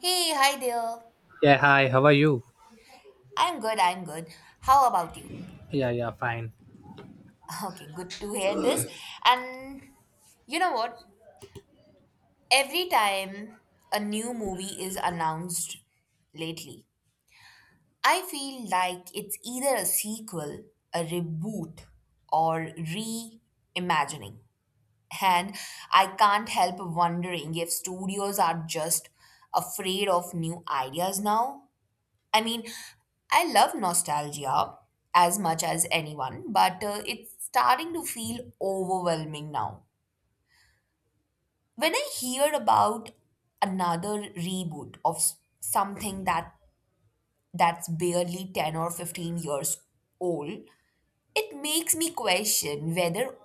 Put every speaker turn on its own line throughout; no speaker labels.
Hey, hi there.
Yeah, hi, how are you?
I'm good, I'm good. How about you?
Yeah, yeah, fine.
Okay, good to hear this. And you know what? Every time a new movie is announced lately, I feel like it's either a sequel, a reboot, or reimagining. And I can't help wondering if studios are just afraid of new ideas now. I mean, I love nostalgia as much as anyone, but it's starting to feel overwhelming now. When I hear about another reboot of something that's barely 10 or 15 years old, it makes me question whether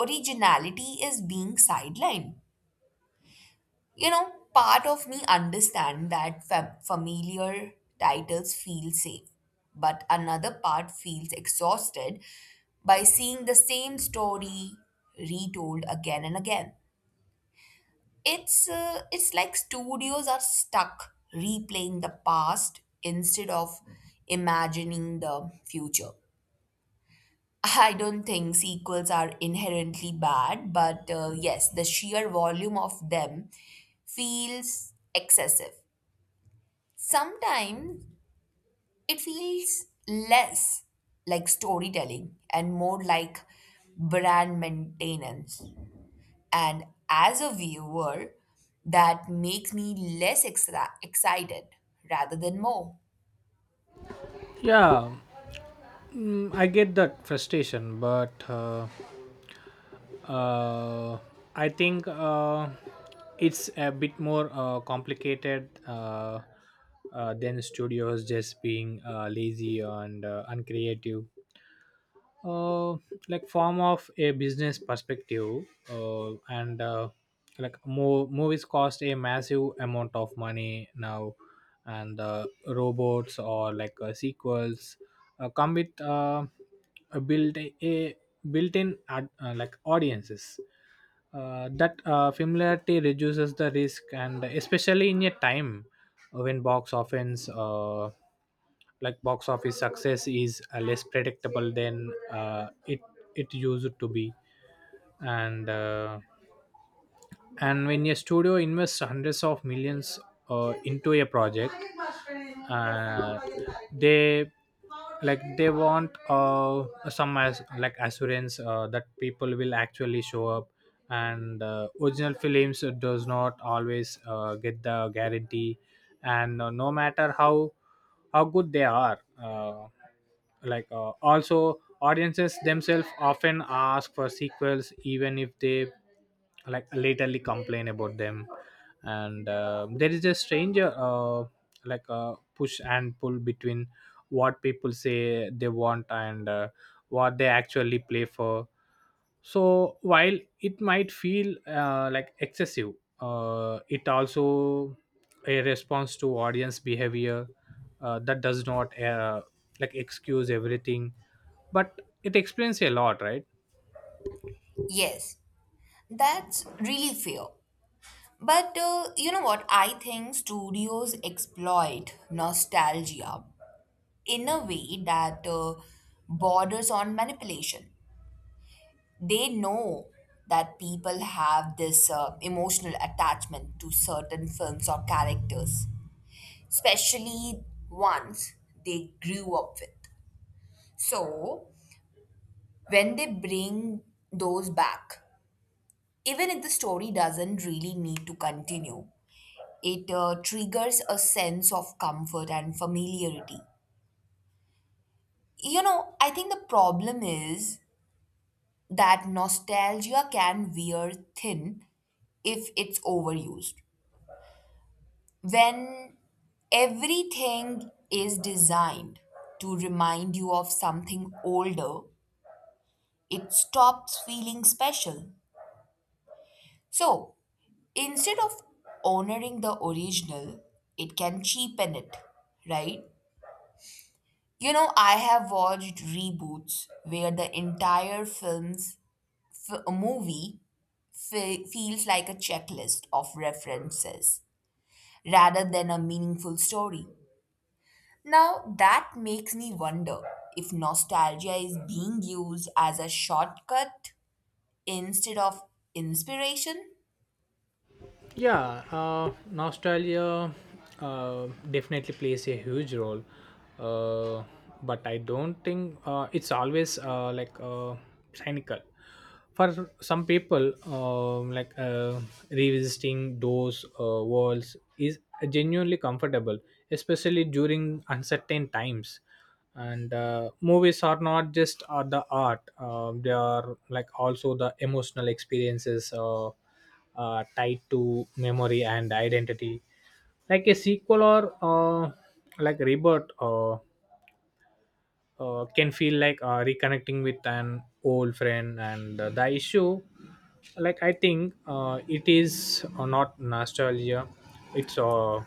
originality is being sidelined. You know, part of me understand that familiar titles feel safe, but another part feels exhausted by seeing the same story retold again and again. It's like studios are stuck replaying the past instead of imagining the future. I don't think sequels are inherently bad, but yes, the sheer volume of them feels excessive. Sometimes it feels less like storytelling and more like brand maintenance. And as a viewer, that makes me less excited rather than more.
Yeah, I get that frustration, but uh, I think it's a bit more complicated than studios just being lazy and uncreative. uh, like form of a business perspective and like movies cost a massive amount of money now, and robots or like sequels come with a built-in ad, like audiences, that familiarity reduces the risk, and especially in a time when box offense like box office success is less predictable than it used to be. And uh, and when a studio invests hundreds of millions into a project, uh, they, they want some like assurance that people will actually show up, and original films does not always get the guarantee. And no matter how good they are, also audiences themselves often ask for sequels, even if they like laterally complain about them. And there is a strange push and pull between what people say they want and what they actually play for. So while it might feel like excessive, it also a response to audience behavior, that does not like excuse everything, but it explains a lot, right?
Yes, that's really fair. But you know what? I think studios exploit nostalgia in a way that borders on manipulation. They know that people have this emotional attachment to certain films or characters, especially ones they grew up with. So, when they bring those back, even if the story doesn't really need to continue, it triggers a sense of comfort and familiarity. You know, I think the problem is that nostalgia can wear thin if it's overused when everything is designed to remind you of something older, it stops feeling special. So instead of honoring the original, it can cheapen it, right? You know, I have watched reboots where the entire film's f- movie fe- feels like a checklist of references rather than a meaningful story. Now that makes me wonder if nostalgia is being used as a shortcut instead of inspiration.
Yeah, nostalgia definitely plays a huge role, uh, but I don't think it's always cynical. For some people, revisiting those walls is genuinely comfortable, especially during uncertain times. And movies are not just the art; um, they are like also the emotional experiences. Tied to memory and identity. Like a sequel or like rebirth, can feel like reconnecting with an old friend. And the issue, like I think, it is not nostalgia, it's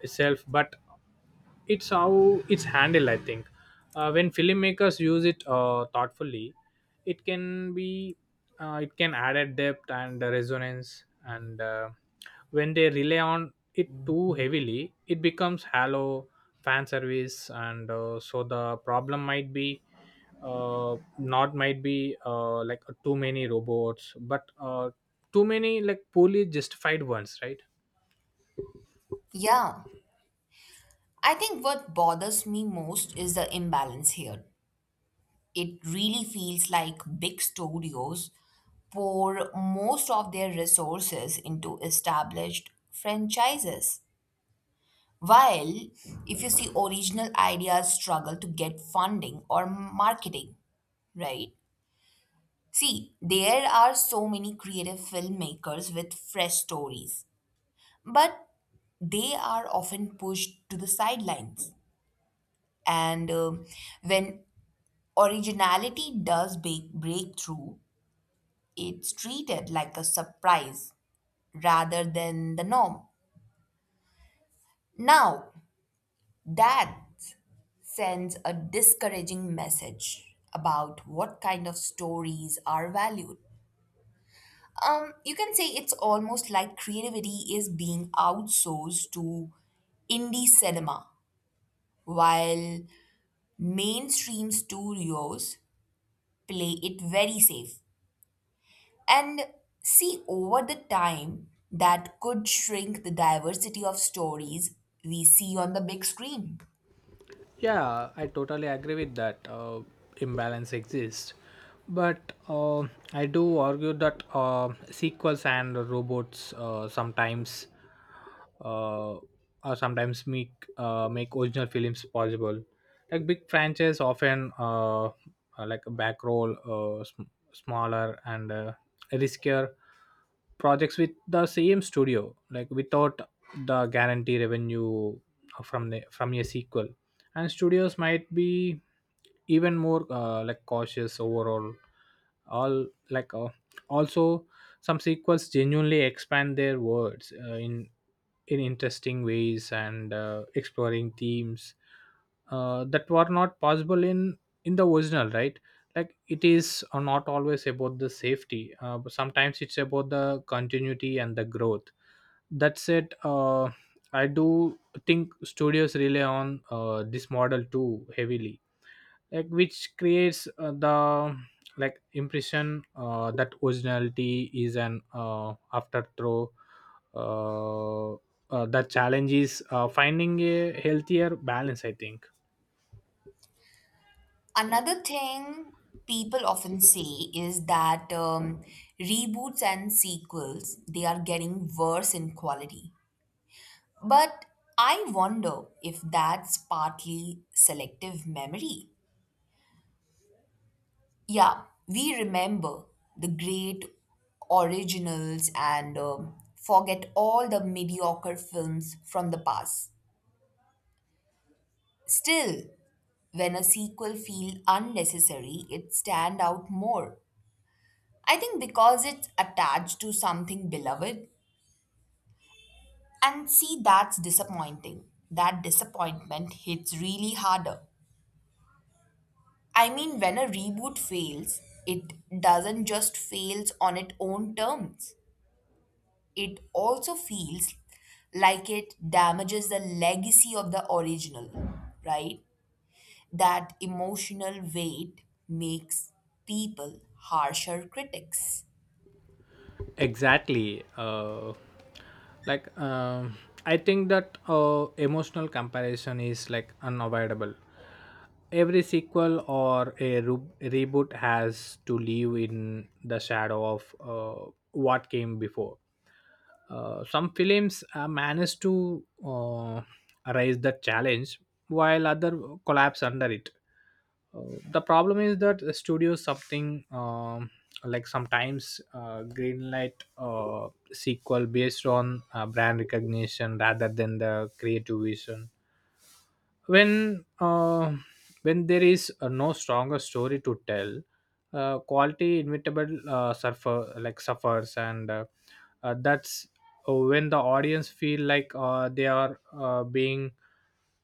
itself, but it's how it's handled, I think. When filmmakers use it thoughtfully, it can be, it can add a depth and a resonance. And when they rely on it too heavily, it becomes hollow fan service. And so the problem might be, not might be like too many robots, but too many like poorly justified ones, right?
Yeah, I think what bothers me most is the imbalance here. It really feels like big studios pour most of their resources into established franchises. While if you see original ideas struggle to get funding or marketing, right? See, there are so many creative filmmakers with fresh stories, but they are often pushed to the sidelines. And when originality does break through, it's treated like a surprise rather than the norm. Now, that sends a discouraging message about what kind of stories are valued. You can say it's almost like creativity is being outsourced to indie cinema, while mainstream studios play it very safe. And see, over the time, that could shrink the diversity of stories we see on the big screen.
Yeah, I totally agree with that. Imbalance exists, but I do argue that sequels and robots uh, sometimes make, make original films possible. Like big franchises often like a back roll uh, sm- smaller and riskier projects with the same studio, like without the guarantee revenue from a sequel, and studios might be even more like cautious overall. All like Also, some sequels genuinely expand their worlds in interesting ways, and exploring themes that were not possible in the original, right? Like it is not always about the safety, but sometimes it's about the continuity and the growth. That said, I do think studios rely on this model too heavily, which creates the, like impression that originality is an afterthrow. uh, the challenge is finding a healthier balance, I think.
Another thing people often say is that reboots and sequels they are getting worse in quality. But I wonder if that's partly selective memory. Yeah, we remember the great originals and forget all the mediocre films from the past. Still, when a sequel feels unnecessary, it stand out more. I think because it's attached to something beloved. And see, that's disappointing. That disappointment hits really harder. I mean, when a reboot fails, it doesn't just fails on its own terms. It also feels like it damages the legacy of the original, right? That emotional weight makes people harsher critics.
Exactly. Like um, I think that emotional comparison is like unavoidable. Every sequel or a reboot has to live in the shadow of what came before. Some films manage to raise the challenge, while other collapse under it. The problem is that the studio something, sometimes greenlight sequel based on brand recognition rather than the creative vision. When uh, when there is no stronger story to tell, quality inevitable suffers. And That's when the audience feel like they are being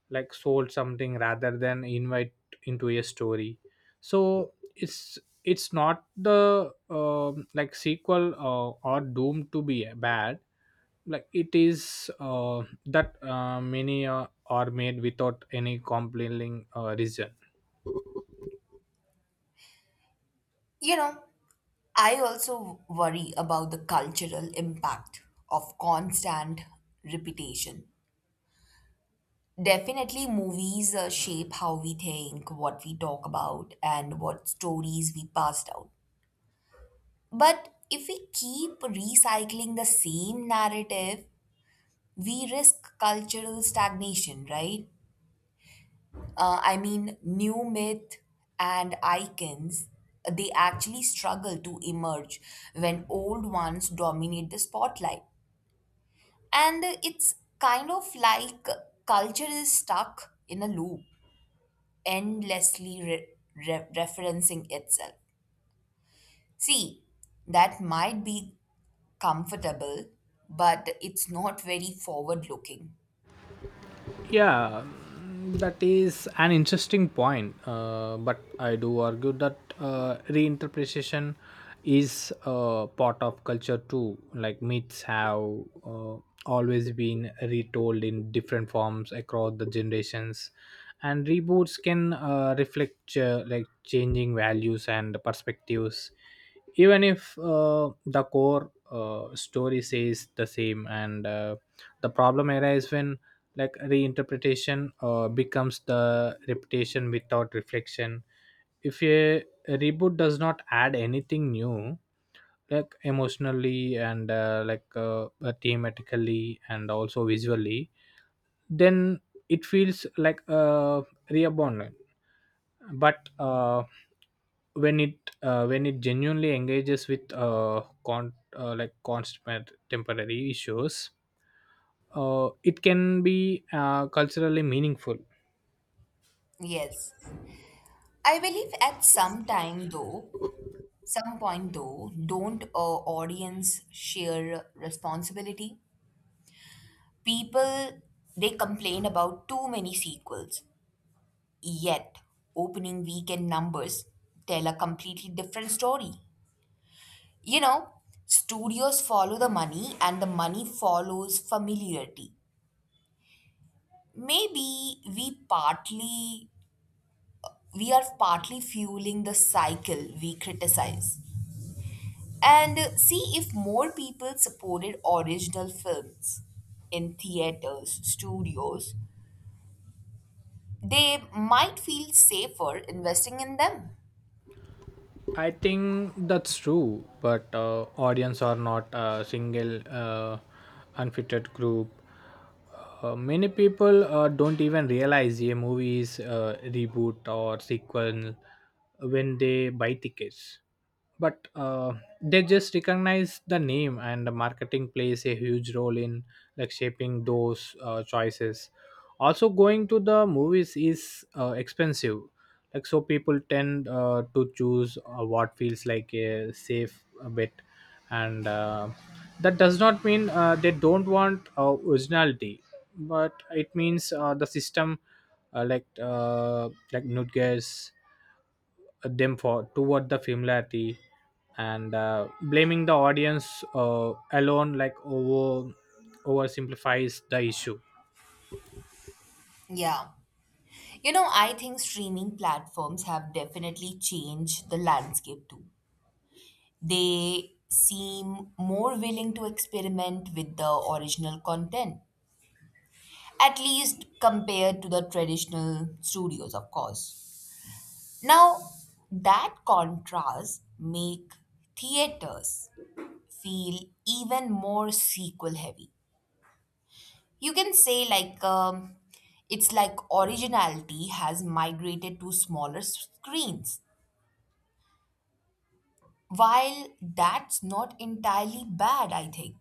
like sold something rather than invite into a story. So it's not the sequel or doomed to be bad. Like it is that many are made without any compelling reason.
You know, I also worry about the cultural impact of constant repetition. Definitely, movies shape how we think, what we talk about, and what stories we pass down. But if we keep recycling the same narrative, we risk cultural stagnation, right? I mean, new myth and icons, they actually struggle to emerge when old ones dominate the spotlight. And it's kind of like culture is stuck in a loop endlessly referencing itself. See, that might be comfortable, but it's not very forward looking.
Yeah, that is an interesting point. But I do argue that reinterpretation is part of culture too. Like myths have uh, always been retold in different forms across the generations, and reboots can reflect, like changing values and perspectives, even if the core story says the same. And the problem arises when reinterpretation becomes the reputation without reflection. If a reboot does not add anything new, emotionally and thematically and also visually, then it feels like a reabandon. But when it genuinely engages with like constant temporary issues, it can be culturally meaningful.
Yes. I believe at some point though, don't audience share responsibility? People, they complain about too many sequels. Yet, opening weekend numbers tell a completely different story. You know, studios follow the money and the money follows familiarity. Maybe we are partly fueling the cycle we criticize. And see if more people supported original films in theaters, studios, they might feel safer investing in them.
I think that's true, but audience are not a single unfitted group. Many people don't even realize a movie is reboot or sequel when they buy tickets. But they just recognize the name, and the marketing plays a huge role in like shaping those choices. Also, going to the movies is expensive, so people tend to choose what feels like a safe a bet. And that does not mean they don't want originality, but it means the system like nudges them for toward the familiarity. And blaming the audience alone oversimplifies the issue.
Yeah. You know, I think streaming platforms have definitely changed the landscape too. They seem more willing to experiment with the original content, at least compared to the traditional studios, of course. Now, that contrast make theaters feel even more sequel heavy. You can say like it's like originality has migrated to smaller screens. While that's not entirely bad, I think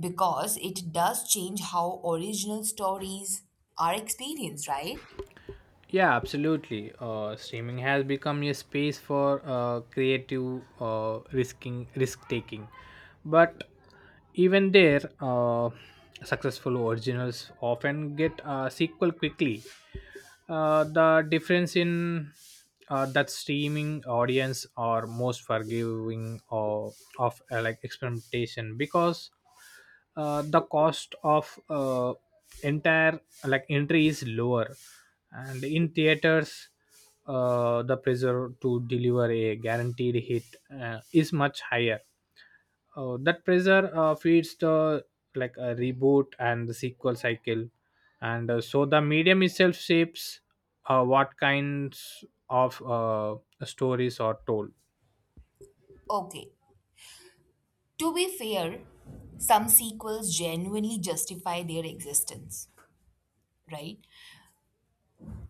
because it does change how original stories are experienced, right?
Yeah, absolutely. Streaming has become a space for creative risk taking, but even there, successful originals often get a sequel quickly. The difference in that streaming audience are most forgiving of like experimentation, because the cost of entire like entry is lower. And in theaters, the pressure to deliver a guaranteed hit is much higher. That pressure feeds the a reboot and the sequel cycle. And so the medium itself shapes what kinds of stories are told.
Okay, to be fair, some sequels genuinely justify their existence, right?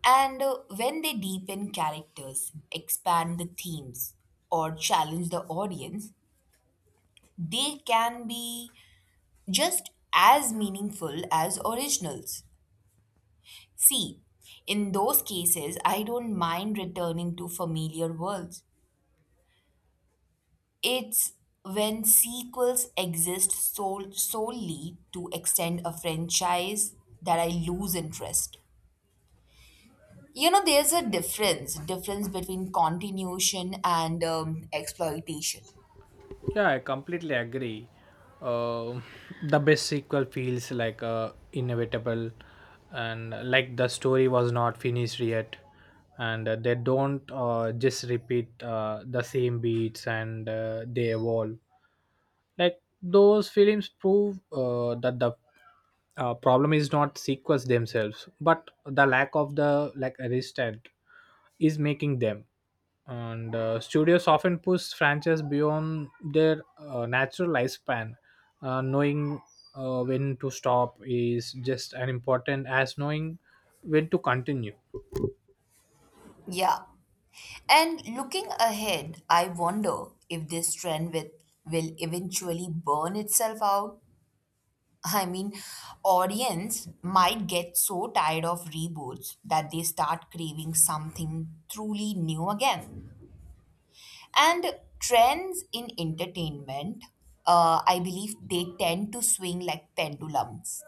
And when they deepen characters, expand the themes, or challenge the audience, they can be just as meaningful as originals. See, in those cases, I don't mind returning to familiar worlds. It's when sequels exist solely to extend a franchise that I lose interest. You know, there's a difference between continuation and exploitation.
Yeah, I completely agree. Uh, the best sequel feels like inevitable, and like the story was not finished yet, and they don't just repeat the same beats, and they evolve. Like those films prove that the problem is not sequels themselves, but the lack of the like resistance is making them. And studios often push franchises beyond their natural lifespan. Knowing when to stop is just as important as knowing when to continue.
Yeah. And looking ahead, I wonder if this trend will eventually burn itself out. I mean, audience might get so tired of reboots that they start craving something truly new again. And trends in entertainment, I believe they tend to swing like pendulums.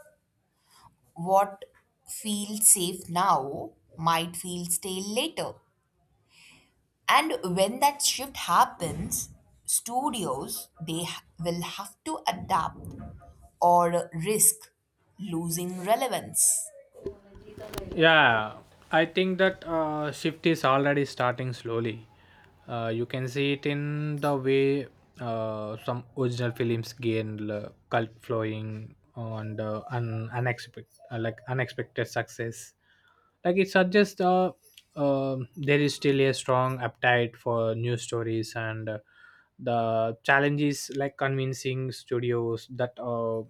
What feels safe now might feel stale later. And when that shift happens, studios will have to adapt or risk losing relevance.
Yeah, I think that shift is already starting slowly. You can see it in the way some original films gain cult flowing, and unexpected, unexpected success. Like it suggests there is still a strong appetite for new stories, and the challenge is like convincing studios that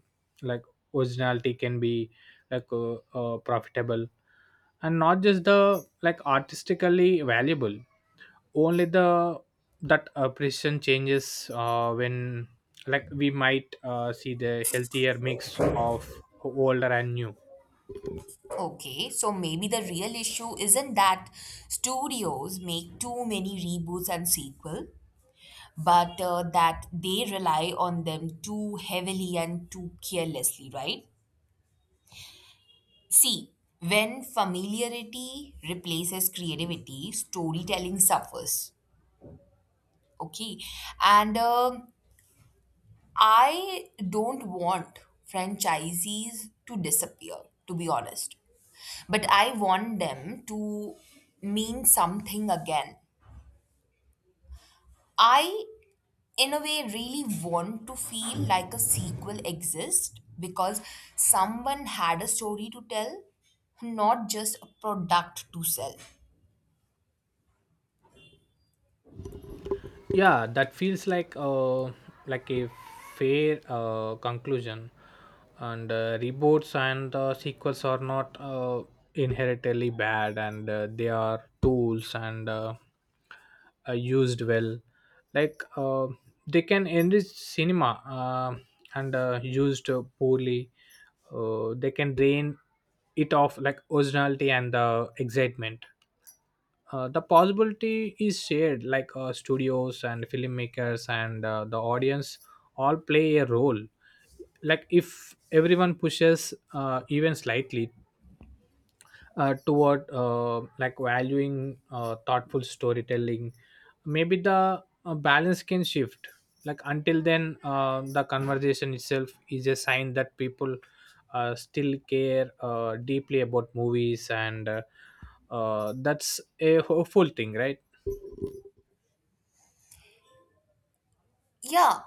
like originality can be profitable and not just the like artistically valuable. Only the that precision changes when we might see the healthier mix of older and new.
Okay, so maybe the real issue isn't that studios make too many reboots and sequel, but that they rely on them too heavily and too carelessly, right? See, when familiarity replaces creativity, storytelling suffers. Okay. And I don't want franchisees to disappear, to be honest. But I want them to mean something again. I in a way really want to feel like a sequel exists because someone had a story to tell, not just a product to sell.
Yeah, that feels like a fair conclusion. And reboots and sequels are not inherently bad, and they are tools. And used well, like uh, they can enrich cinema. uh, and used poorly, they can drain it off like originality and the excitement. The possibility is shared, studios and filmmakers and the audience all play a role. Like if everyone pushes even slightly toward like valuing thoughtful storytelling, maybe the balance can shift. Like until then, the conversation itself is a sign that people still care deeply about movies. And That's a hopeful thing, right?
Yeah,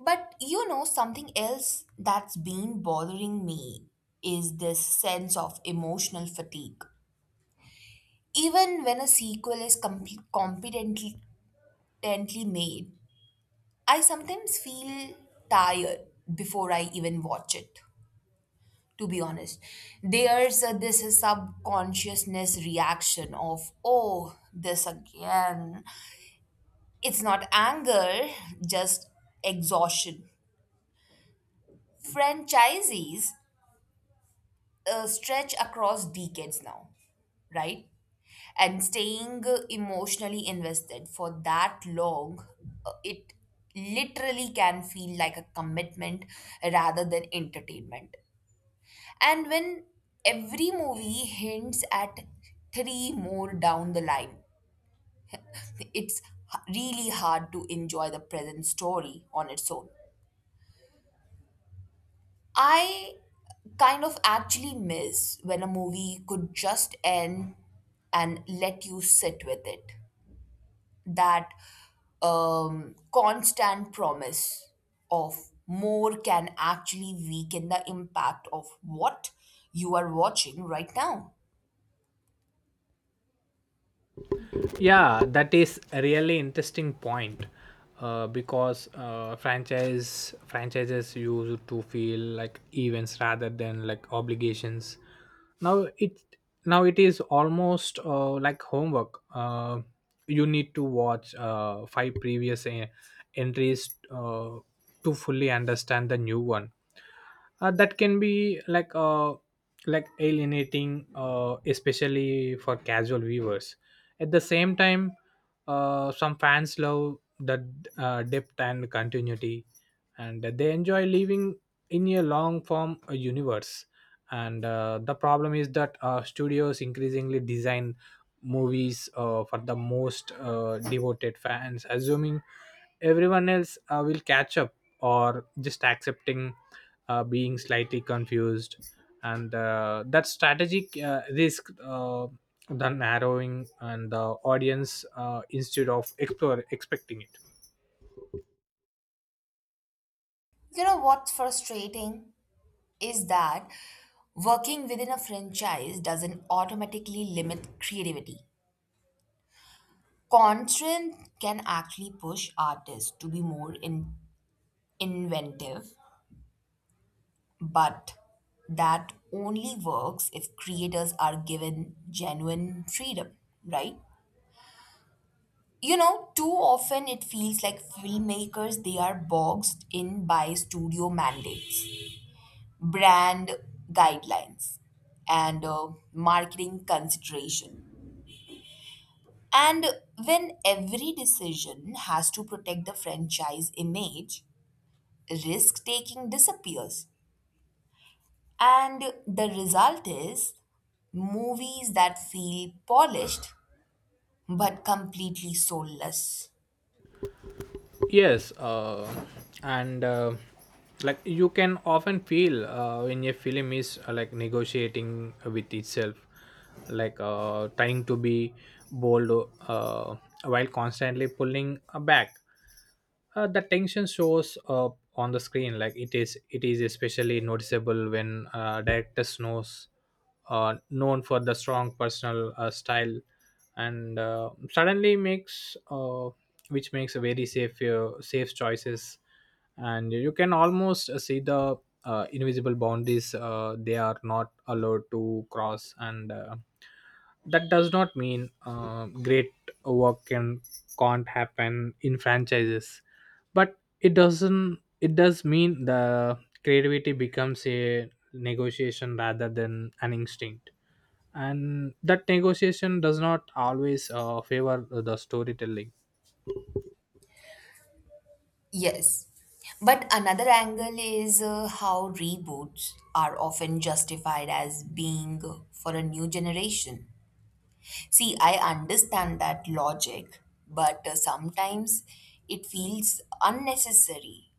but you know, something else that's been bothering me is this sense of emotional fatigue. Even when a sequel is competently competently made, I sometimes feel tired before I even watch it. To be honest, there's this subconsciousness reaction of oh this again. It's not anger, just exhaustion. Franchisees stretch across decades now, right? And staying emotionally invested for that long, it literally can feel like a commitment rather than entertainment. And when every movie hints at three more down the line, it's really hard to enjoy the present story on its own. I kind of actually miss when a movie could just end and let you sit with it. That constant promise of more can actually weaken the impact of what you are watching right now.
Yeah, that is a really interesting point, because franchises used to feel like events rather than like obligations. now it Now it is almost like homework. You need to watch five previous entries to fully understand the new one. That can be like alienating, especially for casual viewers. At the same time, some fans love the depth and continuity, and they enjoy living in a long form universe. And the problem is that studios increasingly design movies for the most devoted fans, assuming everyone else will catch up, or just accepting being slightly confused. And that strategic risk, the narrowing and the audience instead of explore expecting it.
You know what's frustrating is that working within a franchise doesn't automatically limit creativity. Constraint can actually push artists to be more inventive, but that only works if creators are given genuine freedom, right? You know, too often it feels like filmmakers they are boxed in by studio mandates, brand guidelines and marketing consideration. And when every decision has to protect the franchise image, risk taking disappears. And the result is movies that feel polished but completely soulless.
Yes, and like you can often feel when a film is like negotiating with itself, trying to be bold, while constantly pulling back. The tension shows up on the screen. Like it is especially noticeable when director knows, known for the strong personal style, and suddenly makes, which makes a very safe safe choices. And you can almost see the invisible boundaries they are not allowed to cross. And that does not mean great work can, can't happen in franchises, but it doesn't it does mean the creativity becomes a negotiation rather than an instinct, and that negotiation does not always favor the storytelling.
Yes. But another angle is how reboots are often justified as being for a new generation. See, I understand that logic, but sometimes it feels unnecessary.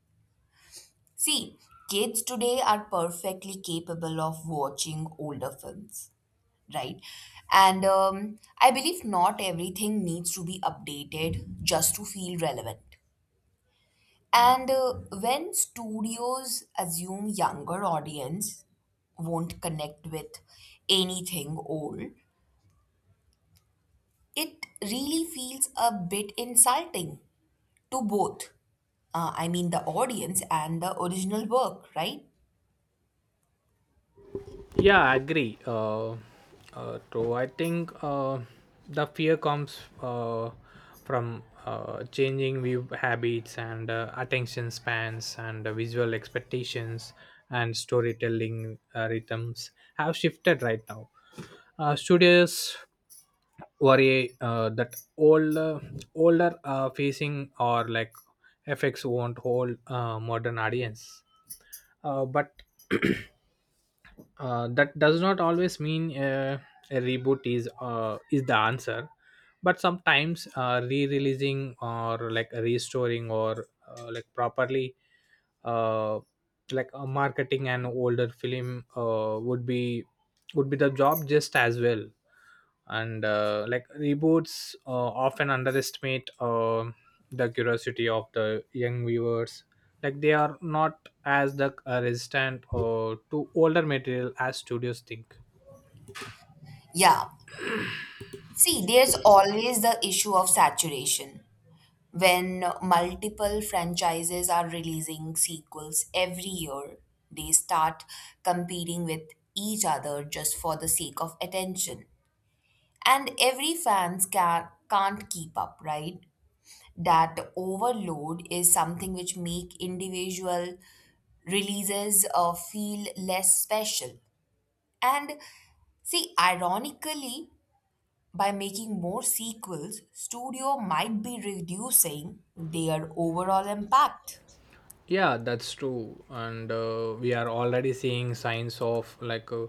See, kids today are perfectly capable of watching older films, right? And I believe not everything needs to be updated just to feel relevant. And when studios assume younger audience won't connect with anything old, it really feels a bit insulting. To both, I mean, the audience and the original work, right?
Yeah, I agree. So I think the fear comes from changing view habits and attention spans and visual expectations and storytelling rhythms have shifted right now. Studios worry that older facing or like effects won't hold modern audience, but that does not always mean a reboot is the answer, but sometimes re-releasing or like restoring or like properly uh, marketing an older film would be, would be the job just as well. And like reboots often underestimate the curiosity of the young viewers. Like they are not as the resistant to older material as studios think.
Yeah. See, there's always the issue of saturation. When multiple franchises are releasing sequels every year, they start competing with each other just for the sake of attention. And every fans can't keep up, right? That overload is something which make individual releases feel less special. And see, ironically, by making more sequels, studio might be reducing their overall impact.
Yeah, that's true, and we are already seeing signs of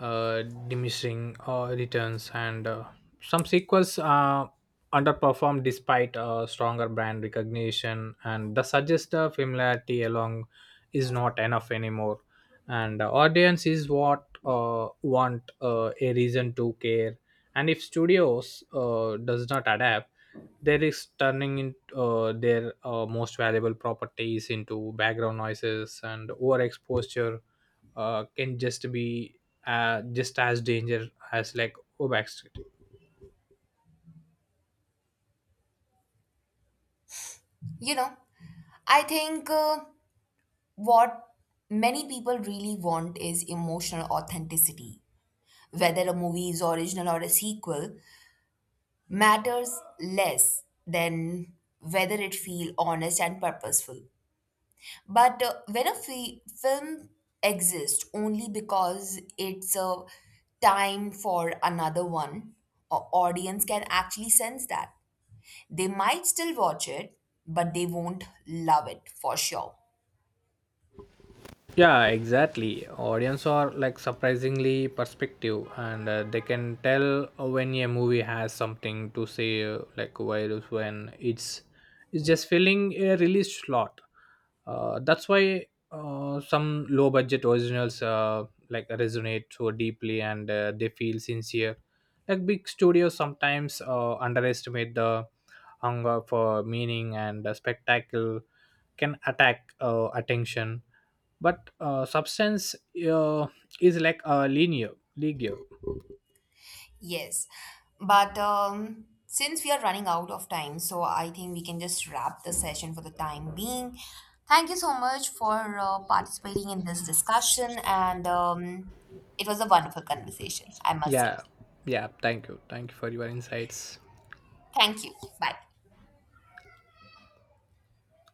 uh, diminishing returns, and some sequels underperform despite stronger brand recognition, and the suggested familiarity along is not enough anymore. And the audience is what want a reason to care, and if studios does not adapt, there is turning in their most valuable properties into background noises, and overexposure can just be just as danger as like overexposure.
You know, I think what many people really want is emotional authenticity. Whether a movie is original or a sequel matters less than whether it feel honest and purposeful. But when a film exists only because it's a time for another one, a audience can actually sense that. They might still watch it, but they won't love it for sure.
Yeah, exactly. Audience are like surprisingly perspective, and they can tell when a movie has something to say, like virus when it's just filling a release slot. That's why some low budget originals like resonate so deeply, and they feel sincere. Like big studios sometimes underestimate the hunger for meaning, and spectacle can attack attention, but substance uh, is like a linear.
Yes. But since we are running out of time, so I think we can just wrap the session for the time being. Thank you so much for participating in this discussion, and it was a wonderful conversation, I must say.
Yeah, yeah, thank you for your insights.
Thank you. Bye.